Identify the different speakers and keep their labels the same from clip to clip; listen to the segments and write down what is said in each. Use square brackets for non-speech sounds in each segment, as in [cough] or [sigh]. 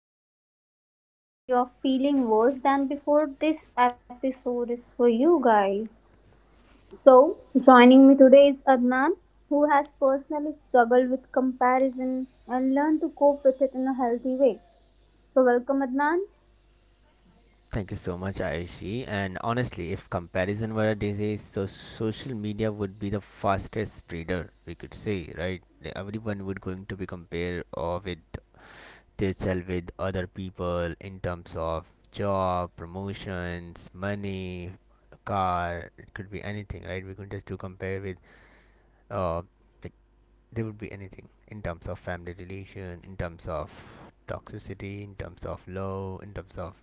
Speaker 1: closed Instagram and you're feeling worse than before, this episode is for you guys. So joining me today is Adnan, who has personally struggled with comparison and learned to cope with it in a healthy way. So welcome, Adnan.
Speaker 2: Thank you so much, Aishi. And honestly, if comparison were a disease, so social media would be the fastest spreader. We could say, right? Everyone would going to be compared or with themselves with other people in terms of job, promotions, money, car. It could be anything, right? We could just do compare with. Uh, like there would be anything in terms of family relation, in terms of toxicity, in terms of love, in terms of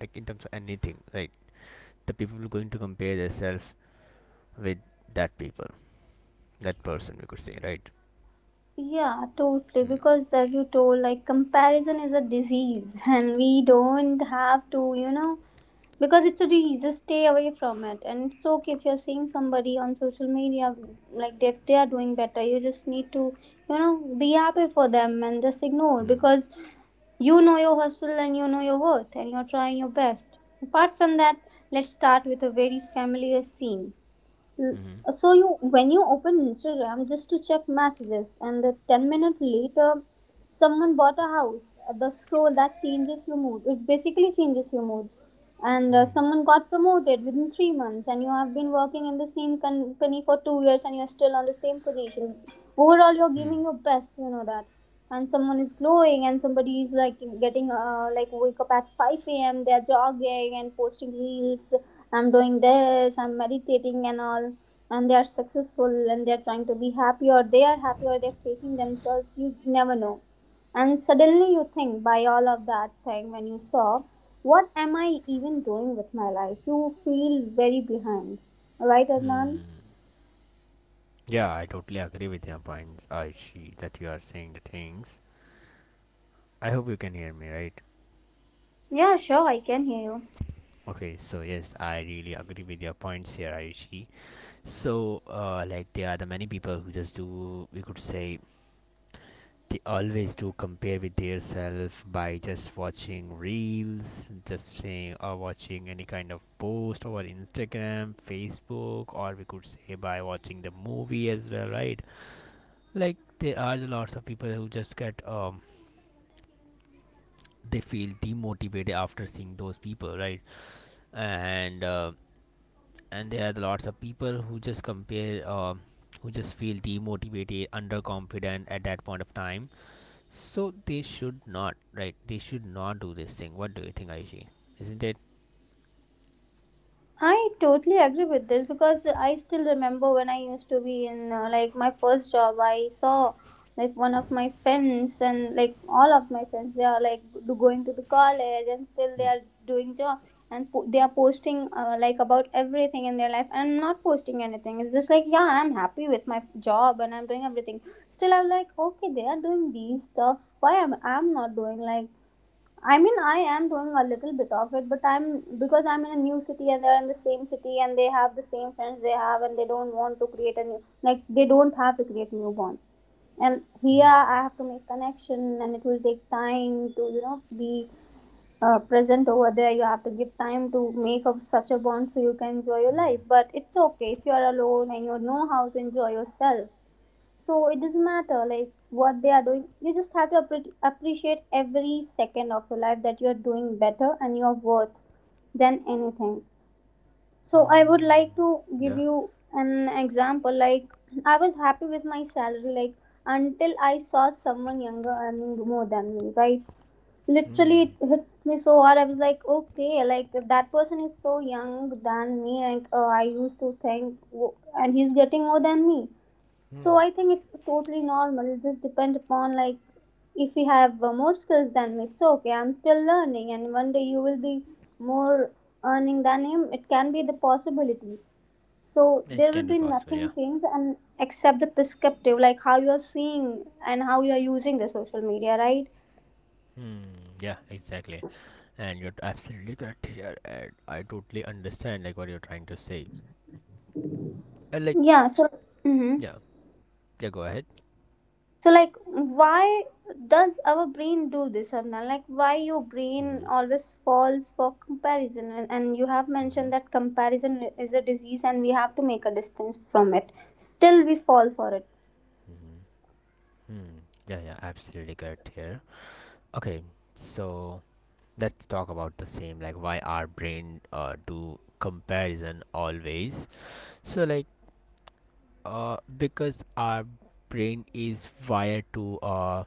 Speaker 2: like in terms of anything, right? The people going to compare themselves with that people, that person, we could say, right?
Speaker 1: Yeah, totally.
Speaker 2: Hmm.
Speaker 1: Because as you told, like comparison is a disease, [laughs] and we don't have to, you know, because it's a disease, stay away from it. And it's okay if you're seeing somebody on social media, like if they are doing better, you just need to, you know, be happy for them and just ignore,
Speaker 2: Hmm.
Speaker 1: because you know your hustle and you know your worth and you're trying your best. Apart from that, let's start with a very familiar scene. L-
Speaker 2: Hmm.
Speaker 1: So you, when you open Instagram just to check messages and the 10 minutes later someone bought a house, the scroll that changes your mood, it basically changes your mood. And someone got promoted within 3 months and you have been working in the same company for 2 years and you're still on the same position. Overall, you're
Speaker 2: Hmm.
Speaker 1: giving your best, you know that. And someone is glowing and somebody is like getting like wake up at 5 a.m., they're jogging and posting reels. I'm doing this, I'm meditating and all. And they are successful and they're trying to be happy, or they are happy, or they're faking themselves, you never know. And suddenly you think, by all of that thing when you saw, what am I even doing with my life? You feel very behind, right, Adnan?
Speaker 2: Hmm. Yeah, I totally agree with your points, Aishi, that you are saying the things. I hope you can hear me right.
Speaker 1: Yeah, sure, I can hear you.
Speaker 2: Okay, so yes, I really agree with your points here, Aishi. So like, there are the many people who just do, we could say, they always do compare with their self by just watching reels, just saying or watching any kind of post over Instagram, Facebook, or we could say by watching the movie as well, right? Like there are lots of people who just get. They feel demotivated after seeing those people, right? And uh, and there are lots of people who just compare, who just feel demotivated, underconfident at that point of time. So they should not, right? They should not do this thing. What do you think, Aishi? Isn't it?
Speaker 1: I totally agree with this because I still remember when I used to be in like my first job. I saw like one of my friends, and like all of my friends, they are like going to the college and still they
Speaker 2: Hmm.
Speaker 1: are doing job, and they are posting like about everything in their life, and I'm not posting anything. It's just like, yeah, I'm happy with my job and I'm doing everything. Still, I'm like, okay, they are doing these stuffs. Why am I'm not doing like, I mean, I am doing a little bit of it, but I'm, because I'm in a new city and they're in the same city and they have the same friends they have, and they don't want to create a new, like they don't have to create new bond. And here I have to make connection, and it will take time to, you know, be present over there. You have to give time to make up such a bond so you can enjoy your life. But it's okay if you are alone and you know how to enjoy yourself. So it doesn't matter like what they are doing. You just have to appreciate every second of your life, that you are doing better and your worth than anything. So I would like to give you an example. Like, [clears throat] I was happy with my salary, like until I saw someone younger earning more than me. Right? Literally, it hit me so hard. I was like, okay, like that person is so young than me. And I used to think, and he's getting more than me. So I think it's totally normal. It just depend upon, like if you have more skills than me, it's okay, I'm still learning, and one day you will be more earning than him. It can be the possibility. So
Speaker 2: It
Speaker 1: there
Speaker 2: can
Speaker 1: will
Speaker 2: be
Speaker 1: be
Speaker 2: possible,
Speaker 1: nothing
Speaker 2: yeah.
Speaker 1: changed, and except the perspective, like how you are seeing and how you are using the social media, right?
Speaker 2: Hmm. Yeah, exactly. And you're absolutely correct here, and I totally understand like what you're trying to say. And like,
Speaker 1: Yeah, so, mhm.
Speaker 2: yeah, yeah. Go ahead.
Speaker 1: So like, why does our brain do this? And like, why your brain always falls for comparison? And you have mentioned that comparison is a disease and we have to make a distance from it, still we fall for it.
Speaker 2: Yeah, yeah. Absolutely correct here. Okay, so let's talk about the same. Like, why our brain do comparison always? So like, because our brain is wired to uh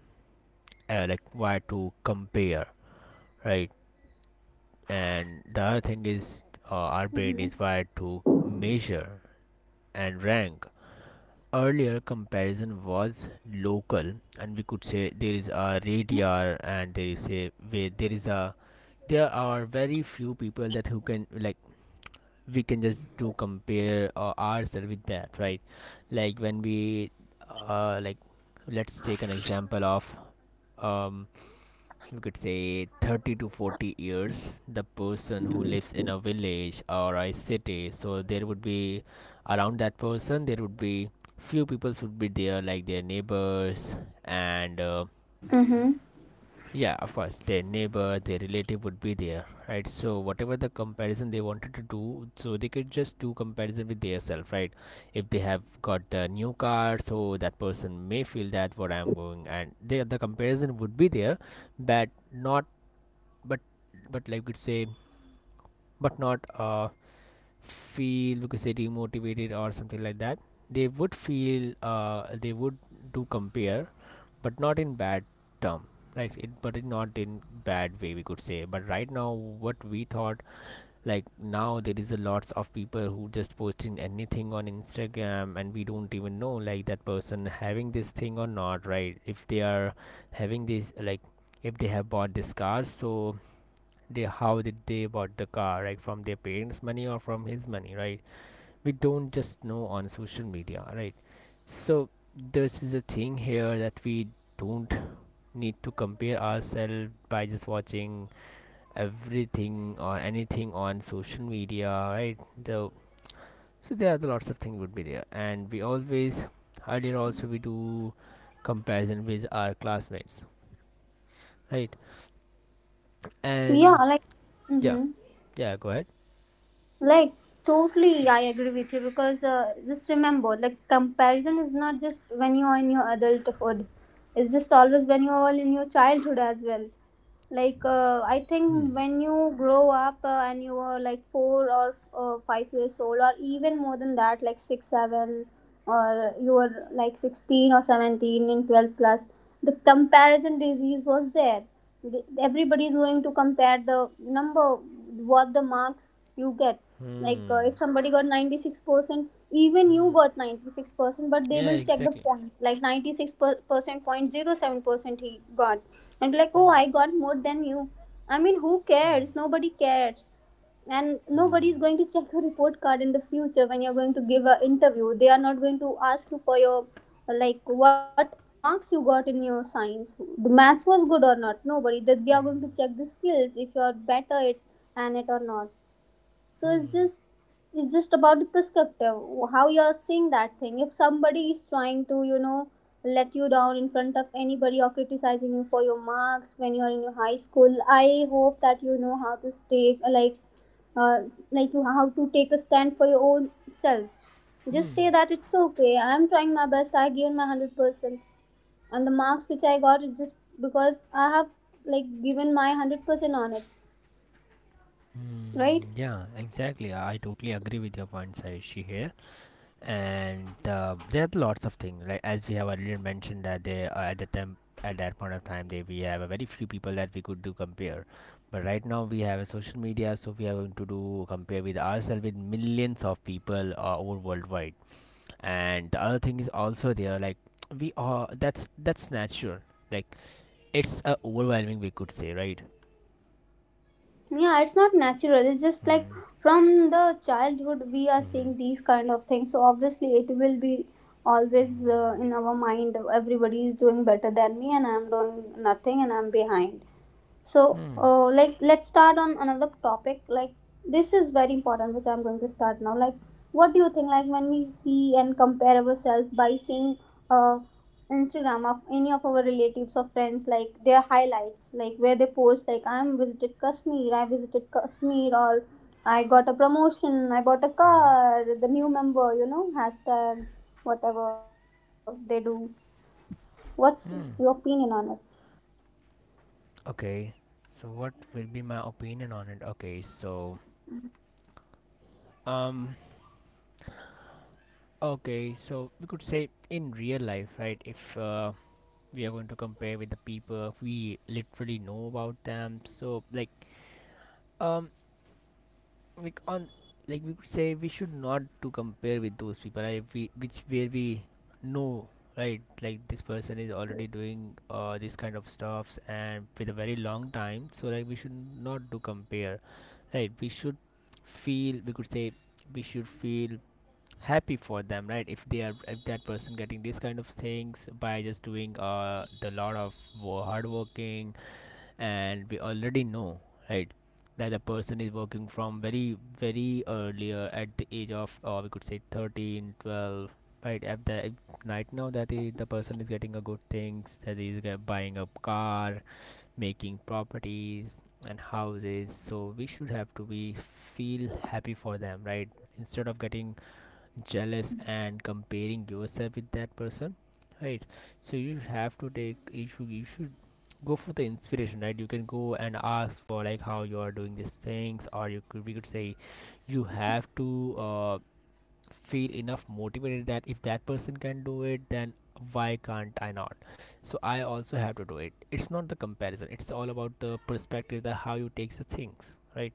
Speaker 2: uh, like wired to compare, right? And the other thing
Speaker 1: Mm-hmm.
Speaker 2: is, our brain is wired to measure and rank. Earlier comparison was local, and we could say there is a radar, and there is a way, there is a there are very few people that who can like, we can just do compare ourselves with that, right? Like when we, uh, like let's take an example of um, we could say 30 to 40 years, the person who lives in a village or a city, so there would be around that person, there would be few peoples would be there, like their neighbors. And
Speaker 1: Mm-hmm.
Speaker 2: yeah, of course, their neighbor, their relative would be there, right? So whatever the comparison they wanted to do, so they could just do comparison with their self, right? If they have got the new car, so that person may feel that what I'm going, and the comparison would be there, but not, but but like we could say but not feel, we could say, demotivated or something like that. They would feel, they would do compare, but not in bad term, right? But it not in bad way, we could say. But right now what we thought, like now there is a lots of people who just posting anything on Instagram, and we don't even know like that person having this thing or not, right? If they are having this, like if they have bought this car, so they, how did they bought the car, right? From their parents' money or from his money, right? We don't just know on social media, right? So this is a thing here that we don't need to compare ourselves by just watching everything or anything on social media, right? So, so there are the lots of things would be there, and we always, earlier also we do comparison with our classmates, right?
Speaker 1: Yeah,
Speaker 2: And
Speaker 1: like,
Speaker 2: yeah,
Speaker 1: mm-hmm.
Speaker 2: yeah, go ahead.
Speaker 1: Like totally, I agree with you, because just remember, like comparison is not just when you are in your adulthood, it's just always when you are in your childhood as well. Like I think when you grow up, and you were like 4, or 5 years old, or even more than that, like 6, 7, or you were like 16 or 17 in 12th class, the comparison disease was there. Everybody is going to compare the number, what the marks you get. Like if somebody got 96%, even you got 96%, but they
Speaker 2: Yeah,
Speaker 1: will check the
Speaker 2: exactly.
Speaker 1: point, like 96% point 0.07% he got, and be like, oh, I got more than you. I mean, who cares? Nobody cares. And nobody is going to check your report card in the future when you're going to give an interview. They are not going to ask you for your, like, what marks you got in your science. The maths was good or not. Nobody. That they are going to check the skills, if you're better at it or not. So it's just, it's just about the perspective, how you're seeing that thing. If somebody is trying to, you know, let you down in front of anybody or criticizing you for your marks when you're in your high school, I hope that you know how to stay like, uh, like you how to take a stand for your own self. Just say that, it's okay, I'm trying my best, I given my 100%, and the marks which I got is just because I have like given my 100% on it, right?
Speaker 2: Yeah, exactly. I totally agree with your points, Ayushi, here. And there are lots of things, like as we have already mentioned that they at the time, at that point of time, they we have a very few people that we could do compare. But right now we have a social media, so we are going to do compare with ourselves with millions of people over worldwide. And the other thing is also there, like we are, that's natural. Like it's overwhelming, we could say, right?
Speaker 1: Yeah, it's not natural, it's just like from the childhood we are seeing these kind of things, so obviously it will be always in our mind, everybody is doing better than me and I'm doing nothing and I'm behind. So like let's start on another topic, like this is very important which I'm going to start now. Like, what do you think, like when we see and compare ourselves by seeing uh Instagram of any of our relatives or friends, like their highlights, like where they post like, I'm visited Kashmir, I visited Kashmir, or I got a promotion, I bought a car, the new member, you know, hashtag whatever they do, what's your opinion
Speaker 2: Hmm.
Speaker 1: on it?
Speaker 2: Okay, so what will be my opinion on it? Okay, so um, okay, so we could say in real life, right? If we are going to compare with the people we literally know about them, so um, like on like we could say we should not to compare with those people, right? Which where we know, right? Like this person is already doing this kind of stuffs and with a very long time, so like we should not to compare, right? We should feel, we could say, we should feel happy for them, right? if they are If that person getting these kind of things by just doing the lot of hard working, and we already know, right, that the person is working from very very earlier at the age of, or we could say, 13, 12, right? at the Right now that is, the person is getting a good things, that is buying a car, making properties and houses, so we should have to be feel happy for them, right? Instead of getting jealous and comparing yourself with that person, right? So you have to take, you should go for the inspiration, right? You can go and ask for like how you are doing these things, or you could we could say you have to, feel enough motivated that if that person can do it, then why can't I not? So I also have to do it. It's not the comparison, it's all about the perspective, that how you take the things, right?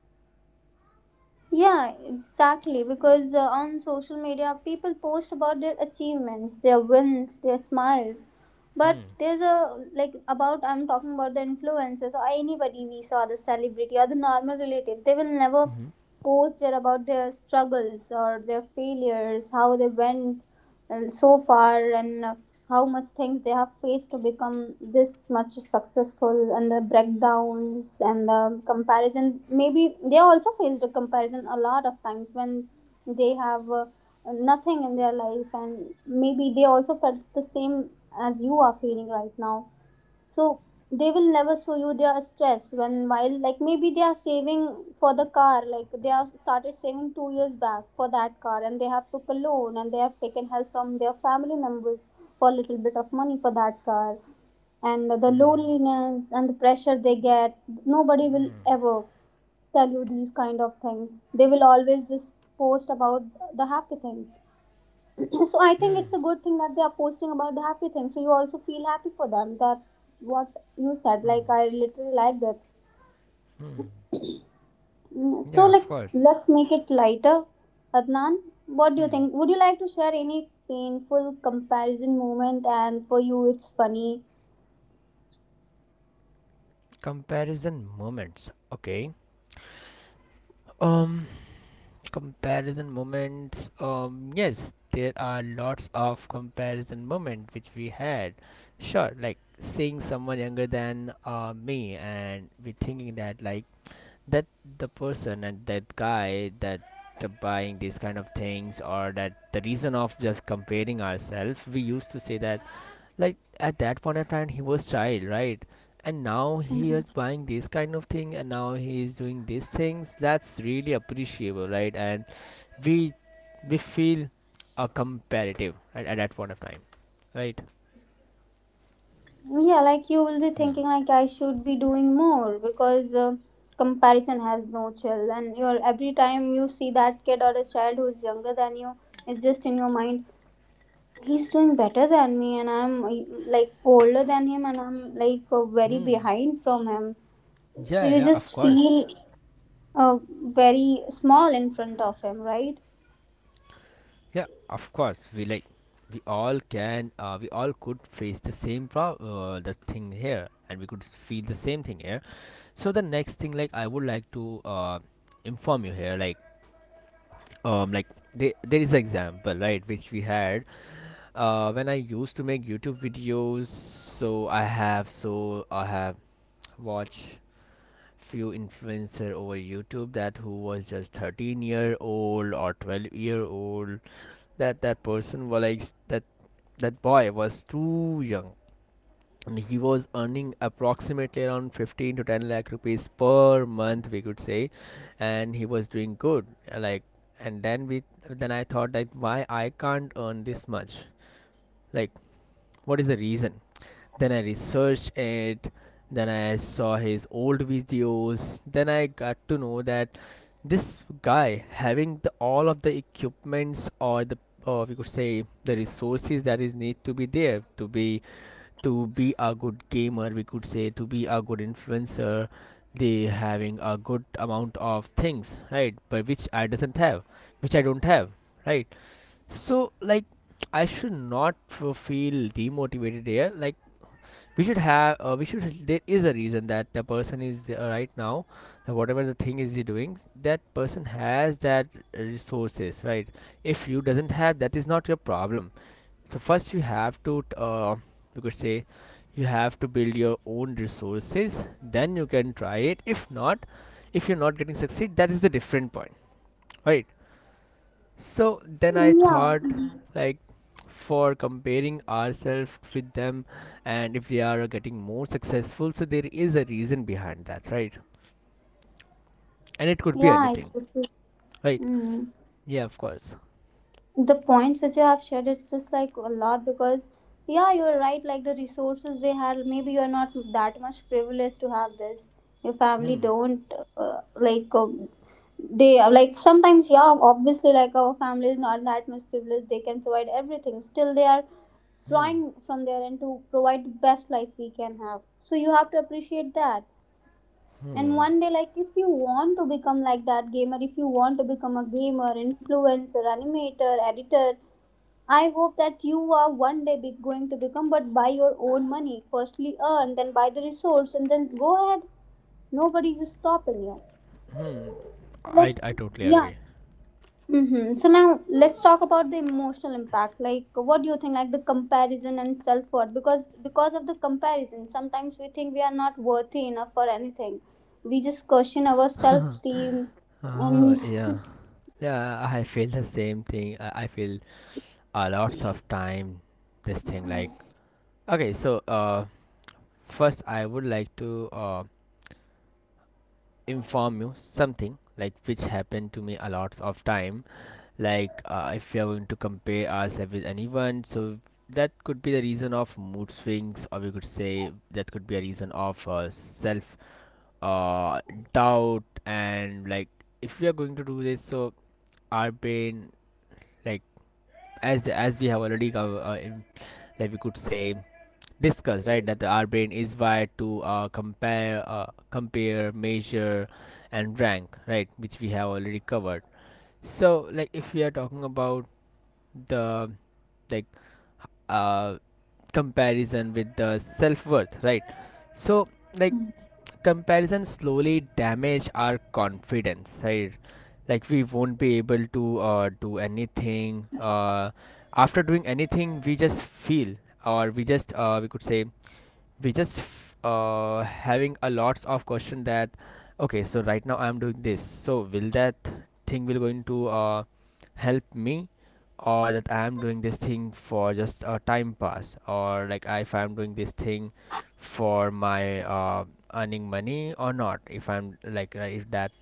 Speaker 1: Yeah, exactly. Because on social media, people post about their achievements, their wins, their smiles. But there's a like, about, I'm talking about the influencers or anybody we saw, the celebrity or the normal relative. They will never post their about their struggles or their failures, how they went so far, and how much things they have faced to become this much successful, and the breakdowns, and the comparison, maybe they also faced a comparison a lot of times, when they have nothing in their life, and maybe they also felt the same as you are feeling right now. So they will never show you their stress when, while like maybe they are saving for the car, like they have started saving 2 years back for that car, and they have took a loan, and they have taken help from their family members for a little bit of money for that car, and the loneliness and the pressure they get, nobody will ever tell you these kind of things. They will always just post about the happy things. [clears throat] So I think it's a good thing that they are posting about the happy thing, so you also feel happy for them. That's what you said, like I literally like that. Mm, so
Speaker 2: Yeah,
Speaker 1: like,
Speaker 2: of course.
Speaker 1: let's make it lighter, Adnan. What do you
Speaker 2: Hmm.
Speaker 1: think, would you like to share any painful comparison moment and for you it's funny?
Speaker 2: Comparison moments, okay. um Comparison moments, yes, there are lots of comparison moment which we had. Sure, like seeing someone younger than me, and we thinking that like, that the person, and that guy, that the buying these kind of things, or that the reason of just comparing ourselves. We used to say that like, at that point of time he was child, right? And now he
Speaker 1: Mhm.
Speaker 2: is buying this kind of thing, and now he is doing these things, that's really appreciable, right? And we, they feel comparative at that point of time, right?
Speaker 1: Yeah, like you will be thinking like I should be doing more because comparison has no chill, and you're every time you see that kid or a child who is younger than you, it's just in your mind. He's doing better than me and I'm like older than him, and I'm very
Speaker 2: Hmm.
Speaker 1: behind from him. So
Speaker 2: Yeah,
Speaker 1: you
Speaker 2: yeah, of
Speaker 1: just
Speaker 2: course.
Speaker 1: feel uh, very small in front of him, right?
Speaker 2: Yeah, of course. We like, we all can, we all could face the same the thing here, and we could feel the same thing here. So the next thing, like, I would like to inform you here, like um like there is an example, right, which we had, when I used to make YouTube videos. So I have, watched few influencer over YouTube that who was just 13-year-old year old or 12-year-old year old, that person was like, that that boy was too young, and he was earning approximately around 15 to 10 lakh rupees per month, we could say. And he was doing good, uh, like and then we, then I thought like, why I can't earn this much? Like, what is the reason? Then I researched it, then I saw his old videos, then I got to know that this guy having all of the equipments or the, or we could say the resources, that is need to be there, to be a good gamer, we could say, to be a good influencer. They having a good amount of things, right, but which I doesn't have, which I don't have, right? So like, I should not feel demotivated here, like, we should have, we should there is a reason that the person is right now, that whatever the thing is he doing, that person has that resources, right? If you doesn't have, that is not your problem. So first you have to, you could say, you have to build your own resources, then you can try it. If not, if you're not getting succeed, that is the different point, right? So then I
Speaker 1: Yeah,
Speaker 2: thought, like, for comparing ourselves with them, and if they are getting more successful, so there is a reason behind that, right? And it could be
Speaker 1: yeah, I
Speaker 2: anything,
Speaker 1: could.
Speaker 2: right? Yeah, of course.
Speaker 1: The points which you have shared, it's just like a lot, because yeah, you're right, like the resources they had, maybe you're not that much privileged to have this. Your family don't they are like sometimes, yeah, obviously, like our family is not that much privileged, they can provide everything, still they are trying from their end to provide the best life we can have, so you have to appreciate that. And one day, like if you want to become like that gamer, if you want to become a gamer, influencer, animator, editor, I hope that you are one day be going to become, but buy your own money. Firstly, earn, then buy the resource, and then go ahead. Nobody's stopping you. So
Speaker 2: I,
Speaker 1: let's,
Speaker 2: I totally
Speaker 1: yeah.
Speaker 2: agree.
Speaker 1: Mm-hmm. So now let's talk about the emotional impact. Like, what do you think? Like the comparison and self worth, because of the comparison, sometimes we think we are not worthy enough for anything. We just question our self esteem,
Speaker 2: Ah,
Speaker 1: and
Speaker 2: yeah. Yeah, I feel the same thing. I feel a lots of time this thing like okay, so first I would like to inform you something like which happened to me a lots of time like if we are going to compare ourselves with anyone so that could be the reason of mood swings, or we could say that could be a reason of self uh, doubt. And like if we are going to do this so our brain, like as we have already like we could say discussed, right? That our brain is wired to compare, compare, measure and rank, right, which we have already covered. So like if we are talking about the, like uh, comparison with the self-worth, right, so like comparison slowly damage our confidence, right. Like we won't be able to do anything. After doing anything, we just feel, or we just we could say we just having a lots of question that okay, so right now I'm doing this, so will that thing will going to help me, or that I am doing this thing for just a time pass, or like if I'm doing this thing for my earning money or not, if I'm like if that,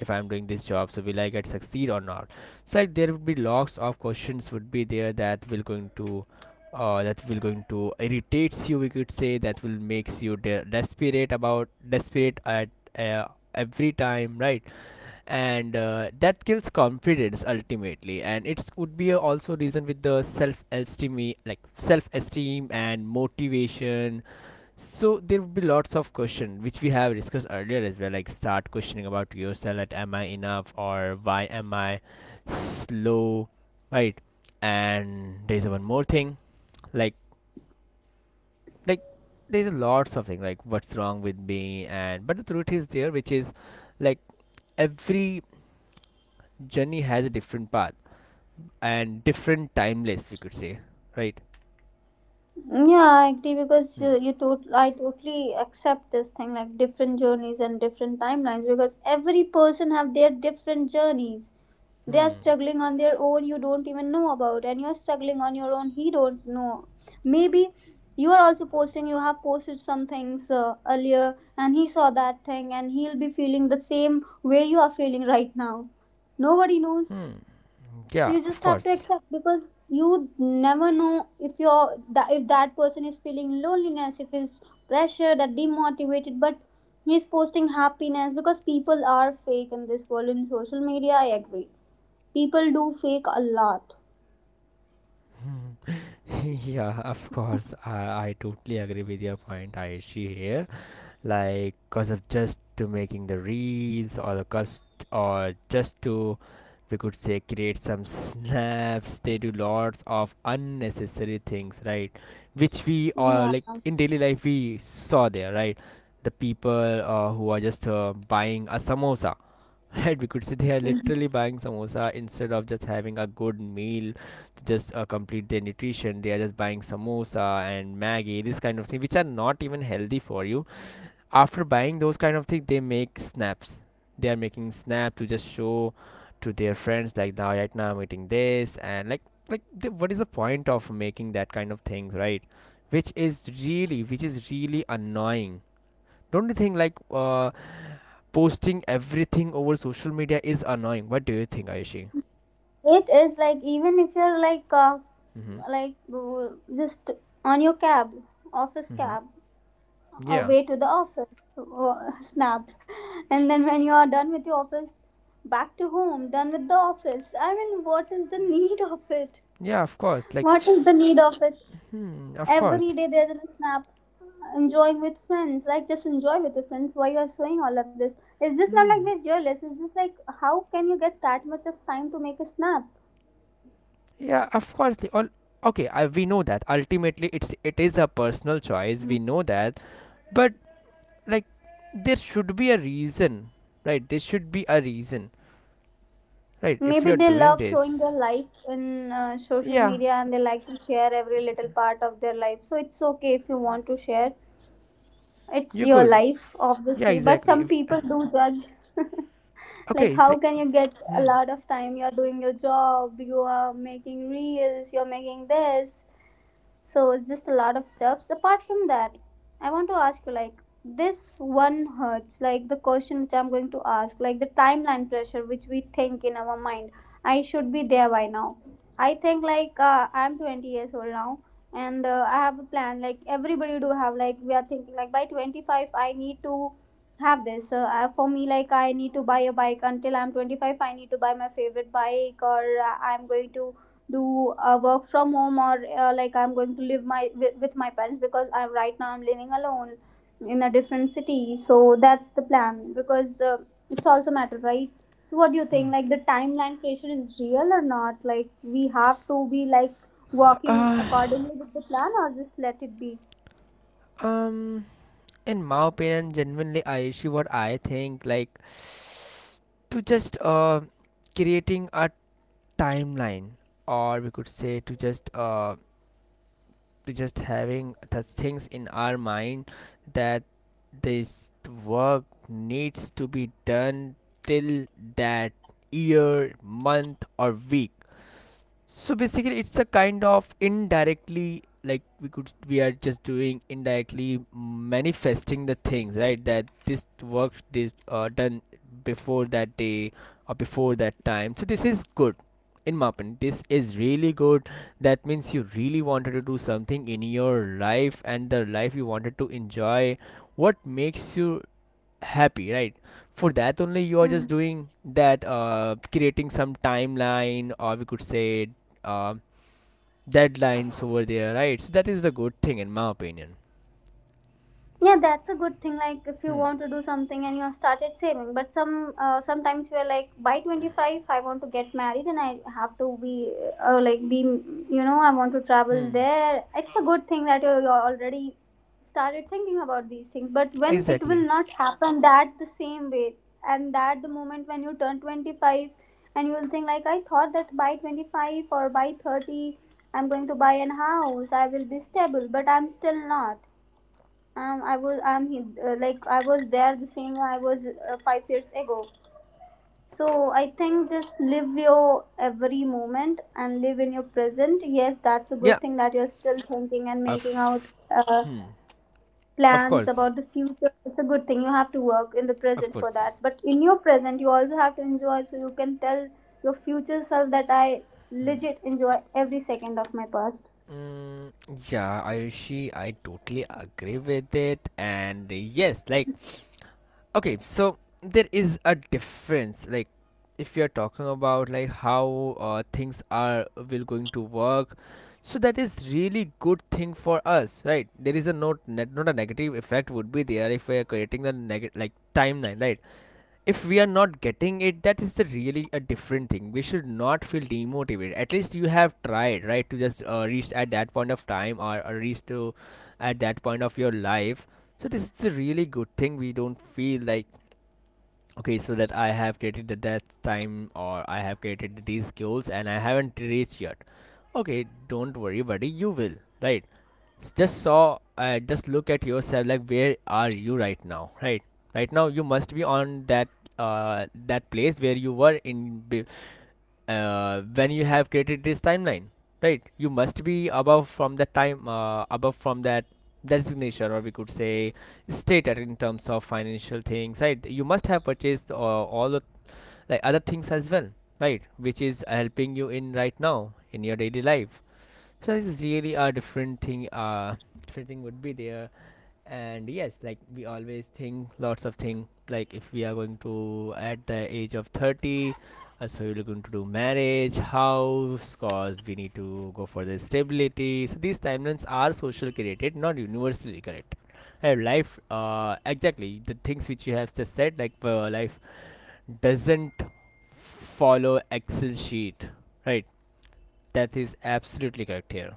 Speaker 2: if I'm doing this job, so will I get succeed or not. So like there would be lots of questions would be there that will going to that will going to irritates you, we could say that will makes you desperate about desperate at uh, every time, right? And that kills confidence ultimately, and it would be a also reason with the self esteem, like self esteem and motivation. So there would be lots of question which we have discussed earlier as well, like start questioning about yourself like am I enough or why am I slow, right? And there's one more thing, like like there's a lots of things like what's wrong with me. And but the truth is there which is like every journey has a different path and different timeless we could say, right?
Speaker 1: yeah, I agree because you,
Speaker 2: Hmm.
Speaker 1: you total I totally accept this thing, like different journeys and different timelines, because every person have their different journeys. They are
Speaker 2: Hmm.
Speaker 1: struggling on their own, you don't even know about, and you're struggling on your own, he don't know. Maybe you are also posting, you have posted some things earlier, and he saw that thing and he'll be feeling the same way you are feeling right now. Nobody knows.
Speaker 2: Hmm,
Speaker 1: So
Speaker 2: yeah,
Speaker 1: you
Speaker 2: of
Speaker 1: just have to
Speaker 2: course.
Speaker 1: accept, because you never know if you're that if that person is feeling loneliness, if he's pressured or demotivated, but he's posting happiness, because people are fake in this world, in social media, I agree, people do fake a lot.
Speaker 2: [laughs] Yeah, of course. I totally agree with your point, Aishi, here, like cause of just to making the reels or the cost, or just to we could say create some snaps, they do lots of unnecessary things, right? Which we are
Speaker 1: Yeah.
Speaker 2: like in daily life we saw there, right? The people who are just buying a samosa, [laughs] right, we could say they are
Speaker 1: Mhm.
Speaker 2: literally buying samosa instead of just having a good meal, to just complete their nutrition. They are just buying samosa and maggi, this kind of thing which are not even healthy for you. After buying those kind of things they make snaps. They are making snap to just show to their friends like now right now I'm eating this, and like the, what is the point of making that kind of things, right? Which is really, which is really annoying. Don't you think like posting everything over social media is annoying? What do you think, Aishi?
Speaker 1: It is like even if you're
Speaker 2: Mm-hmm.
Speaker 1: like uh, just on your cab, office
Speaker 2: Mm-hmm.
Speaker 1: cab,
Speaker 2: Yeah,
Speaker 1: away to the office, [laughs] snapped, and then when you are done with your office, back to home, done with the office, I mean, what is the need of it?
Speaker 2: yeah, of course, like.
Speaker 1: What is the need of it?
Speaker 2: Hmm, of course.
Speaker 1: Every day there's a snap, uh, enjoying with friends. Like, just enjoy with your friends, why you're showing all of this? It's just not like they're jealous, it's just like, how can you get that much of time to make a snap?
Speaker 2: Yeah, of course. Okay, I, we know that ultimately it is a personal choice. We know that, but like there should be a reason, right? There should be a reason, right? If
Speaker 1: Maybe
Speaker 2: you're
Speaker 1: they
Speaker 2: doing
Speaker 1: love
Speaker 2: this,
Speaker 1: showing their life in social
Speaker 2: yeah,
Speaker 1: media, and they like to share every little part of their life, so it's okay if you want to share. It's
Speaker 2: you're
Speaker 1: your
Speaker 2: good.
Speaker 1: life,
Speaker 2: Yeah,
Speaker 1: obviously, but
Speaker 2: exactly.
Speaker 1: some
Speaker 2: If,
Speaker 1: people do judge. [laughs]
Speaker 2: okay,
Speaker 1: Like,
Speaker 2: it's
Speaker 1: how
Speaker 2: like.
Speaker 1: can you get a
Speaker 2: Hmm.
Speaker 1: lot of time? You're doing your job, you are making reels, you're making this, so it's just a lot of steps. Apart from that, I want to ask you, like, this one hurts, like the question which I'm going to ask, like the timeline pressure which we think in our mind, I should be there by now. I think like I'm 20 years old now, and I have a plan, like everybody do have, like we are thinking like by 25 I need to have this, for me, like I need to buy a bike until I'm 25. I need to buy my favorite bike, or I'm going to do work from home, or like I'm going to live my with my parents, because I right now I'm living alone in a different city. So that's the plan, because it's also matter, right? So what do you think, like the timeline pressure is real or not, like we have to be like working accordingly with the plan, or just let it be?
Speaker 2: Um, in my opinion, genuinely, Aishi, what I think like, to just creating a timeline, or we could say to just having the things in our mind that this work needs to be done till that year, month, or week. So basically, it's a kind of indirectly, like we could, we are just doing indirectly manifesting the things, right? That this work is done before that day or before that time. So this is good, in my opinion. This is really good. That means you really wanted to do something in your life and the life you wanted to enjoy. What makes you happy, right? For that only you are just doing that creating some timeline, or we could say uh, deadlines over there, right? So that is the good thing in my opinion.
Speaker 1: Yeah, that's a good thing. Like if you
Speaker 2: Hmm.
Speaker 1: want to do something and you have started saving, but sometimes you're like by 25 I want to get married, and I have to be like be, you know, I want to travel there. It's a good thing that you already started thinking about these things, but when it
Speaker 2: Exactly.
Speaker 1: will not happen that the same way, and that the moment when you turn 25, and you will think like I thought that by 25 or by 30 I'm going to buy an house, I will be stable, but I'm still not. I was I'm like I was there the same I was 5 years ago. So I think just live your every moment and live in your present. Yes, that's a
Speaker 2: Yeah,
Speaker 1: good thing that you're still thinking and making out
Speaker 2: of.
Speaker 1: uh,
Speaker 2: Hmm, of
Speaker 1: plans
Speaker 2: course.
Speaker 1: about the future. It's a good thing. You have to work in the
Speaker 2: Of
Speaker 1: present for
Speaker 2: course.
Speaker 1: that. But in your present, you also have to enjoy. So you can tell your future self that I
Speaker 2: Hmm.
Speaker 1: legit enjoy every second of my past.
Speaker 2: Mm, yeah, Ayushi, I totally agree with it. And yes, like okay, so there is a difference, like if you're talking about like how things are will going to work, so that is really good thing for us, right? There is a not net, not a negative effect would be there if we are creating the negative like timeline, right? If we are not getting it, that is the really a different thing. We should not feel demotivated. At least you have tried, right, to just reach at that point of time, or reach to at that point of your life. So this is a really good thing. We don't feel like okay, so that I have created at that time, or I have created these goals and I haven't reached yet. Okay, don't worry buddy, you will, right? Just saw just look at yourself, like where are you right now, right? Right now you must be on that that place where you were in when you have created this timeline, right? You must be above from the time above from that designation, or we could say stated in terms of financial things, right? You must have purchased all the like other things as well, right, which is helping you in right now in your daily life. So this is really a different thing, different thing would be there. And yes, like we always think lots of things, like if we are going to at the age of 30, so we're going to do marriage house cause we need to go for the stability. So these timelines are social created, not universally correct. Hey, life, exactly the things which you have just said, like life doesn't follow excel sheet, right? That is absolutely correct here.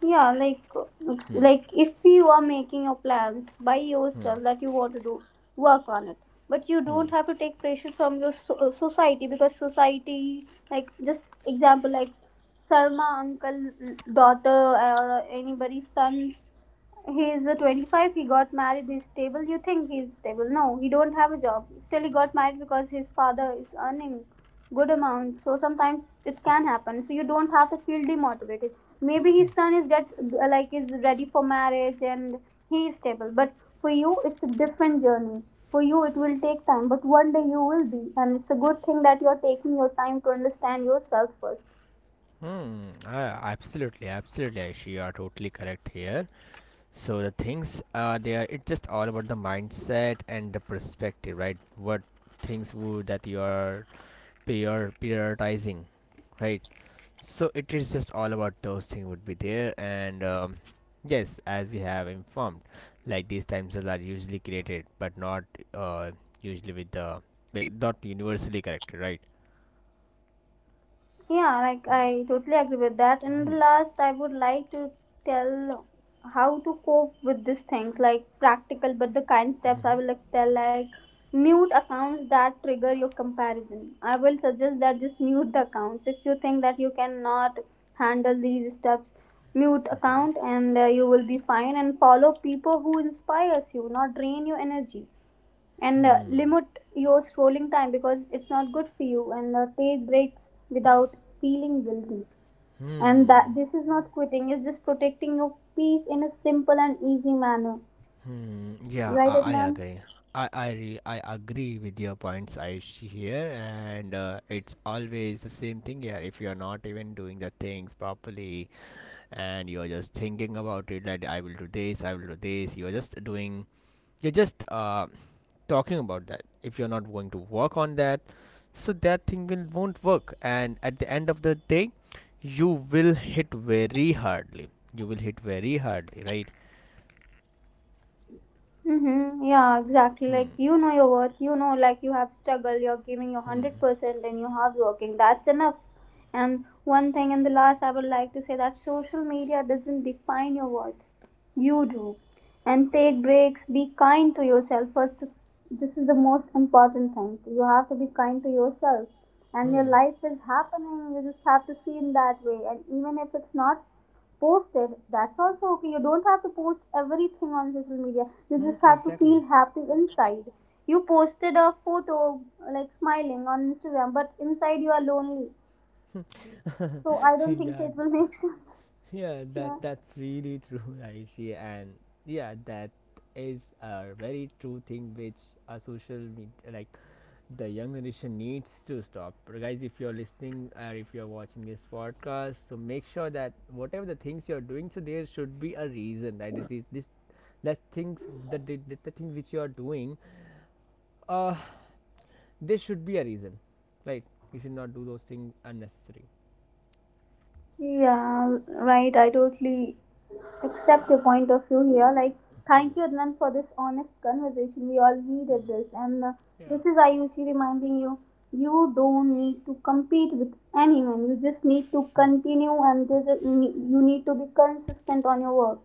Speaker 1: Yeah, like it's like if you are making your plans by yourself that you want to do, work on it, but you don't have to take pressure from your society, because society, like just example like Sarma uncle, mm, daughter or anybody's sons, he's 25, he got married, he's stable. You think he's stable? No, he don't have a job, still he got married because his father is earning good amount. So sometimes it can happen, so you don't have to feel demotivated. Maybe his son is get like is ready for marriage and he is stable, but for you it's a different journey. For you it will take time, but one day you will be. And it's a good thing that you are taking your time to understand yourself first.
Speaker 2: Hmm. Absolutely, absolutely, Aishi, you are totally correct here. So the things are there. It's just all about the mindset and the perspective, right? What things would that you are prioritizing, right? So it is just all about those things would be there, and yes, as we have informed, like these time cells are usually created, but not uh, usually with the like not universally corrected, right?
Speaker 1: Yeah, like I totally agree with that. And the last, I would like to tell how to cope with these things, like practical but the kind steps. I will like tell like mute accounts that trigger your comparison. I will suggest that just mute the accounts if you think that you cannot handle these steps. Mute account and you will be fine. And follow people who inspires you, not drain your energy, and limit your scrolling time, because it's not good for you, and take breaks without feeling guilty, and
Speaker 2: Hmm.
Speaker 1: that this is not quitting, it's just protecting your peace in a simple and easy manner,
Speaker 2: Hmm, yeah, I,
Speaker 1: right,
Speaker 2: I
Speaker 1: Adnan?
Speaker 2: agree. I agree with your points, Aish, here, and it's always the same thing here. If you're not even doing the things properly, and you're just thinking about it, that I will do this, I will do this, you're just doing, you're just talking about that. If you're not going to work on that, so that thing will won't work, and at the end of the day, you will hit very hardly. You will hit very hardly, right?
Speaker 1: Mm-hmm. Yeah, exactly.
Speaker 2: Hmm.
Speaker 1: Like, you know your worth, you know, like you have struggled, you're giving your
Speaker 2: Hmm.
Speaker 1: 100% and you have working. That's enough. And one thing, and the last I would like to say, that social media doesn't define your worth. You do. And take breaks, be kind to yourself. First, this is the most important thing. You have to be kind to yourself. And your
Speaker 2: Hmm.
Speaker 1: life is happening. You just have to see in that way. And even if it's not posted, that's also okay. You don't have to post everything on social media, you
Speaker 2: Hmm,
Speaker 1: just have to
Speaker 2: exactly.
Speaker 1: feel happy inside. You posted a photo like smiling on Instagram, but inside you are lonely, so I
Speaker 2: [laughs]
Speaker 1: don't think so
Speaker 2: Yeah,
Speaker 1: it will make [laughs] sense.
Speaker 2: yeah, that
Speaker 1: Yeah.
Speaker 2: that's really true, [laughs] Aishi, and yeah, that is a very true thing which a social media, like the young generation, needs to stop. But guys, if you're listening or if you're watching this podcast, so make sure that whatever the things you're doing, so there should be a reason, right? This that things that the things which you are doing, uh, there should be a reason, right? You should not do those things unnecessary.
Speaker 1: Yeah, right, I totally accept your point of view here. Like, thank you, Adnan, for this honest conversation. We all needed this. And this is Ayushi reminding you, you don't need to compete with anyone. You just need to continue, and there's a, you need to be consistent on your work.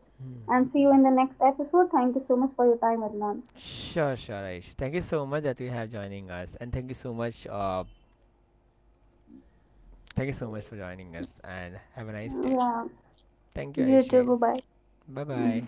Speaker 1: And see you in the next episode. Thank you so much for your time, Adnan.
Speaker 2: Sure, sure, Aish. Thank you so much that you have joining us, and thank you so much. Thank you so much for joining us, and have a nice day.
Speaker 1: Yeah.
Speaker 2: Thank you,
Speaker 1: You too.
Speaker 2: Aishin.
Speaker 1: Bye
Speaker 2: Bye
Speaker 1: bye.
Speaker 2: bye.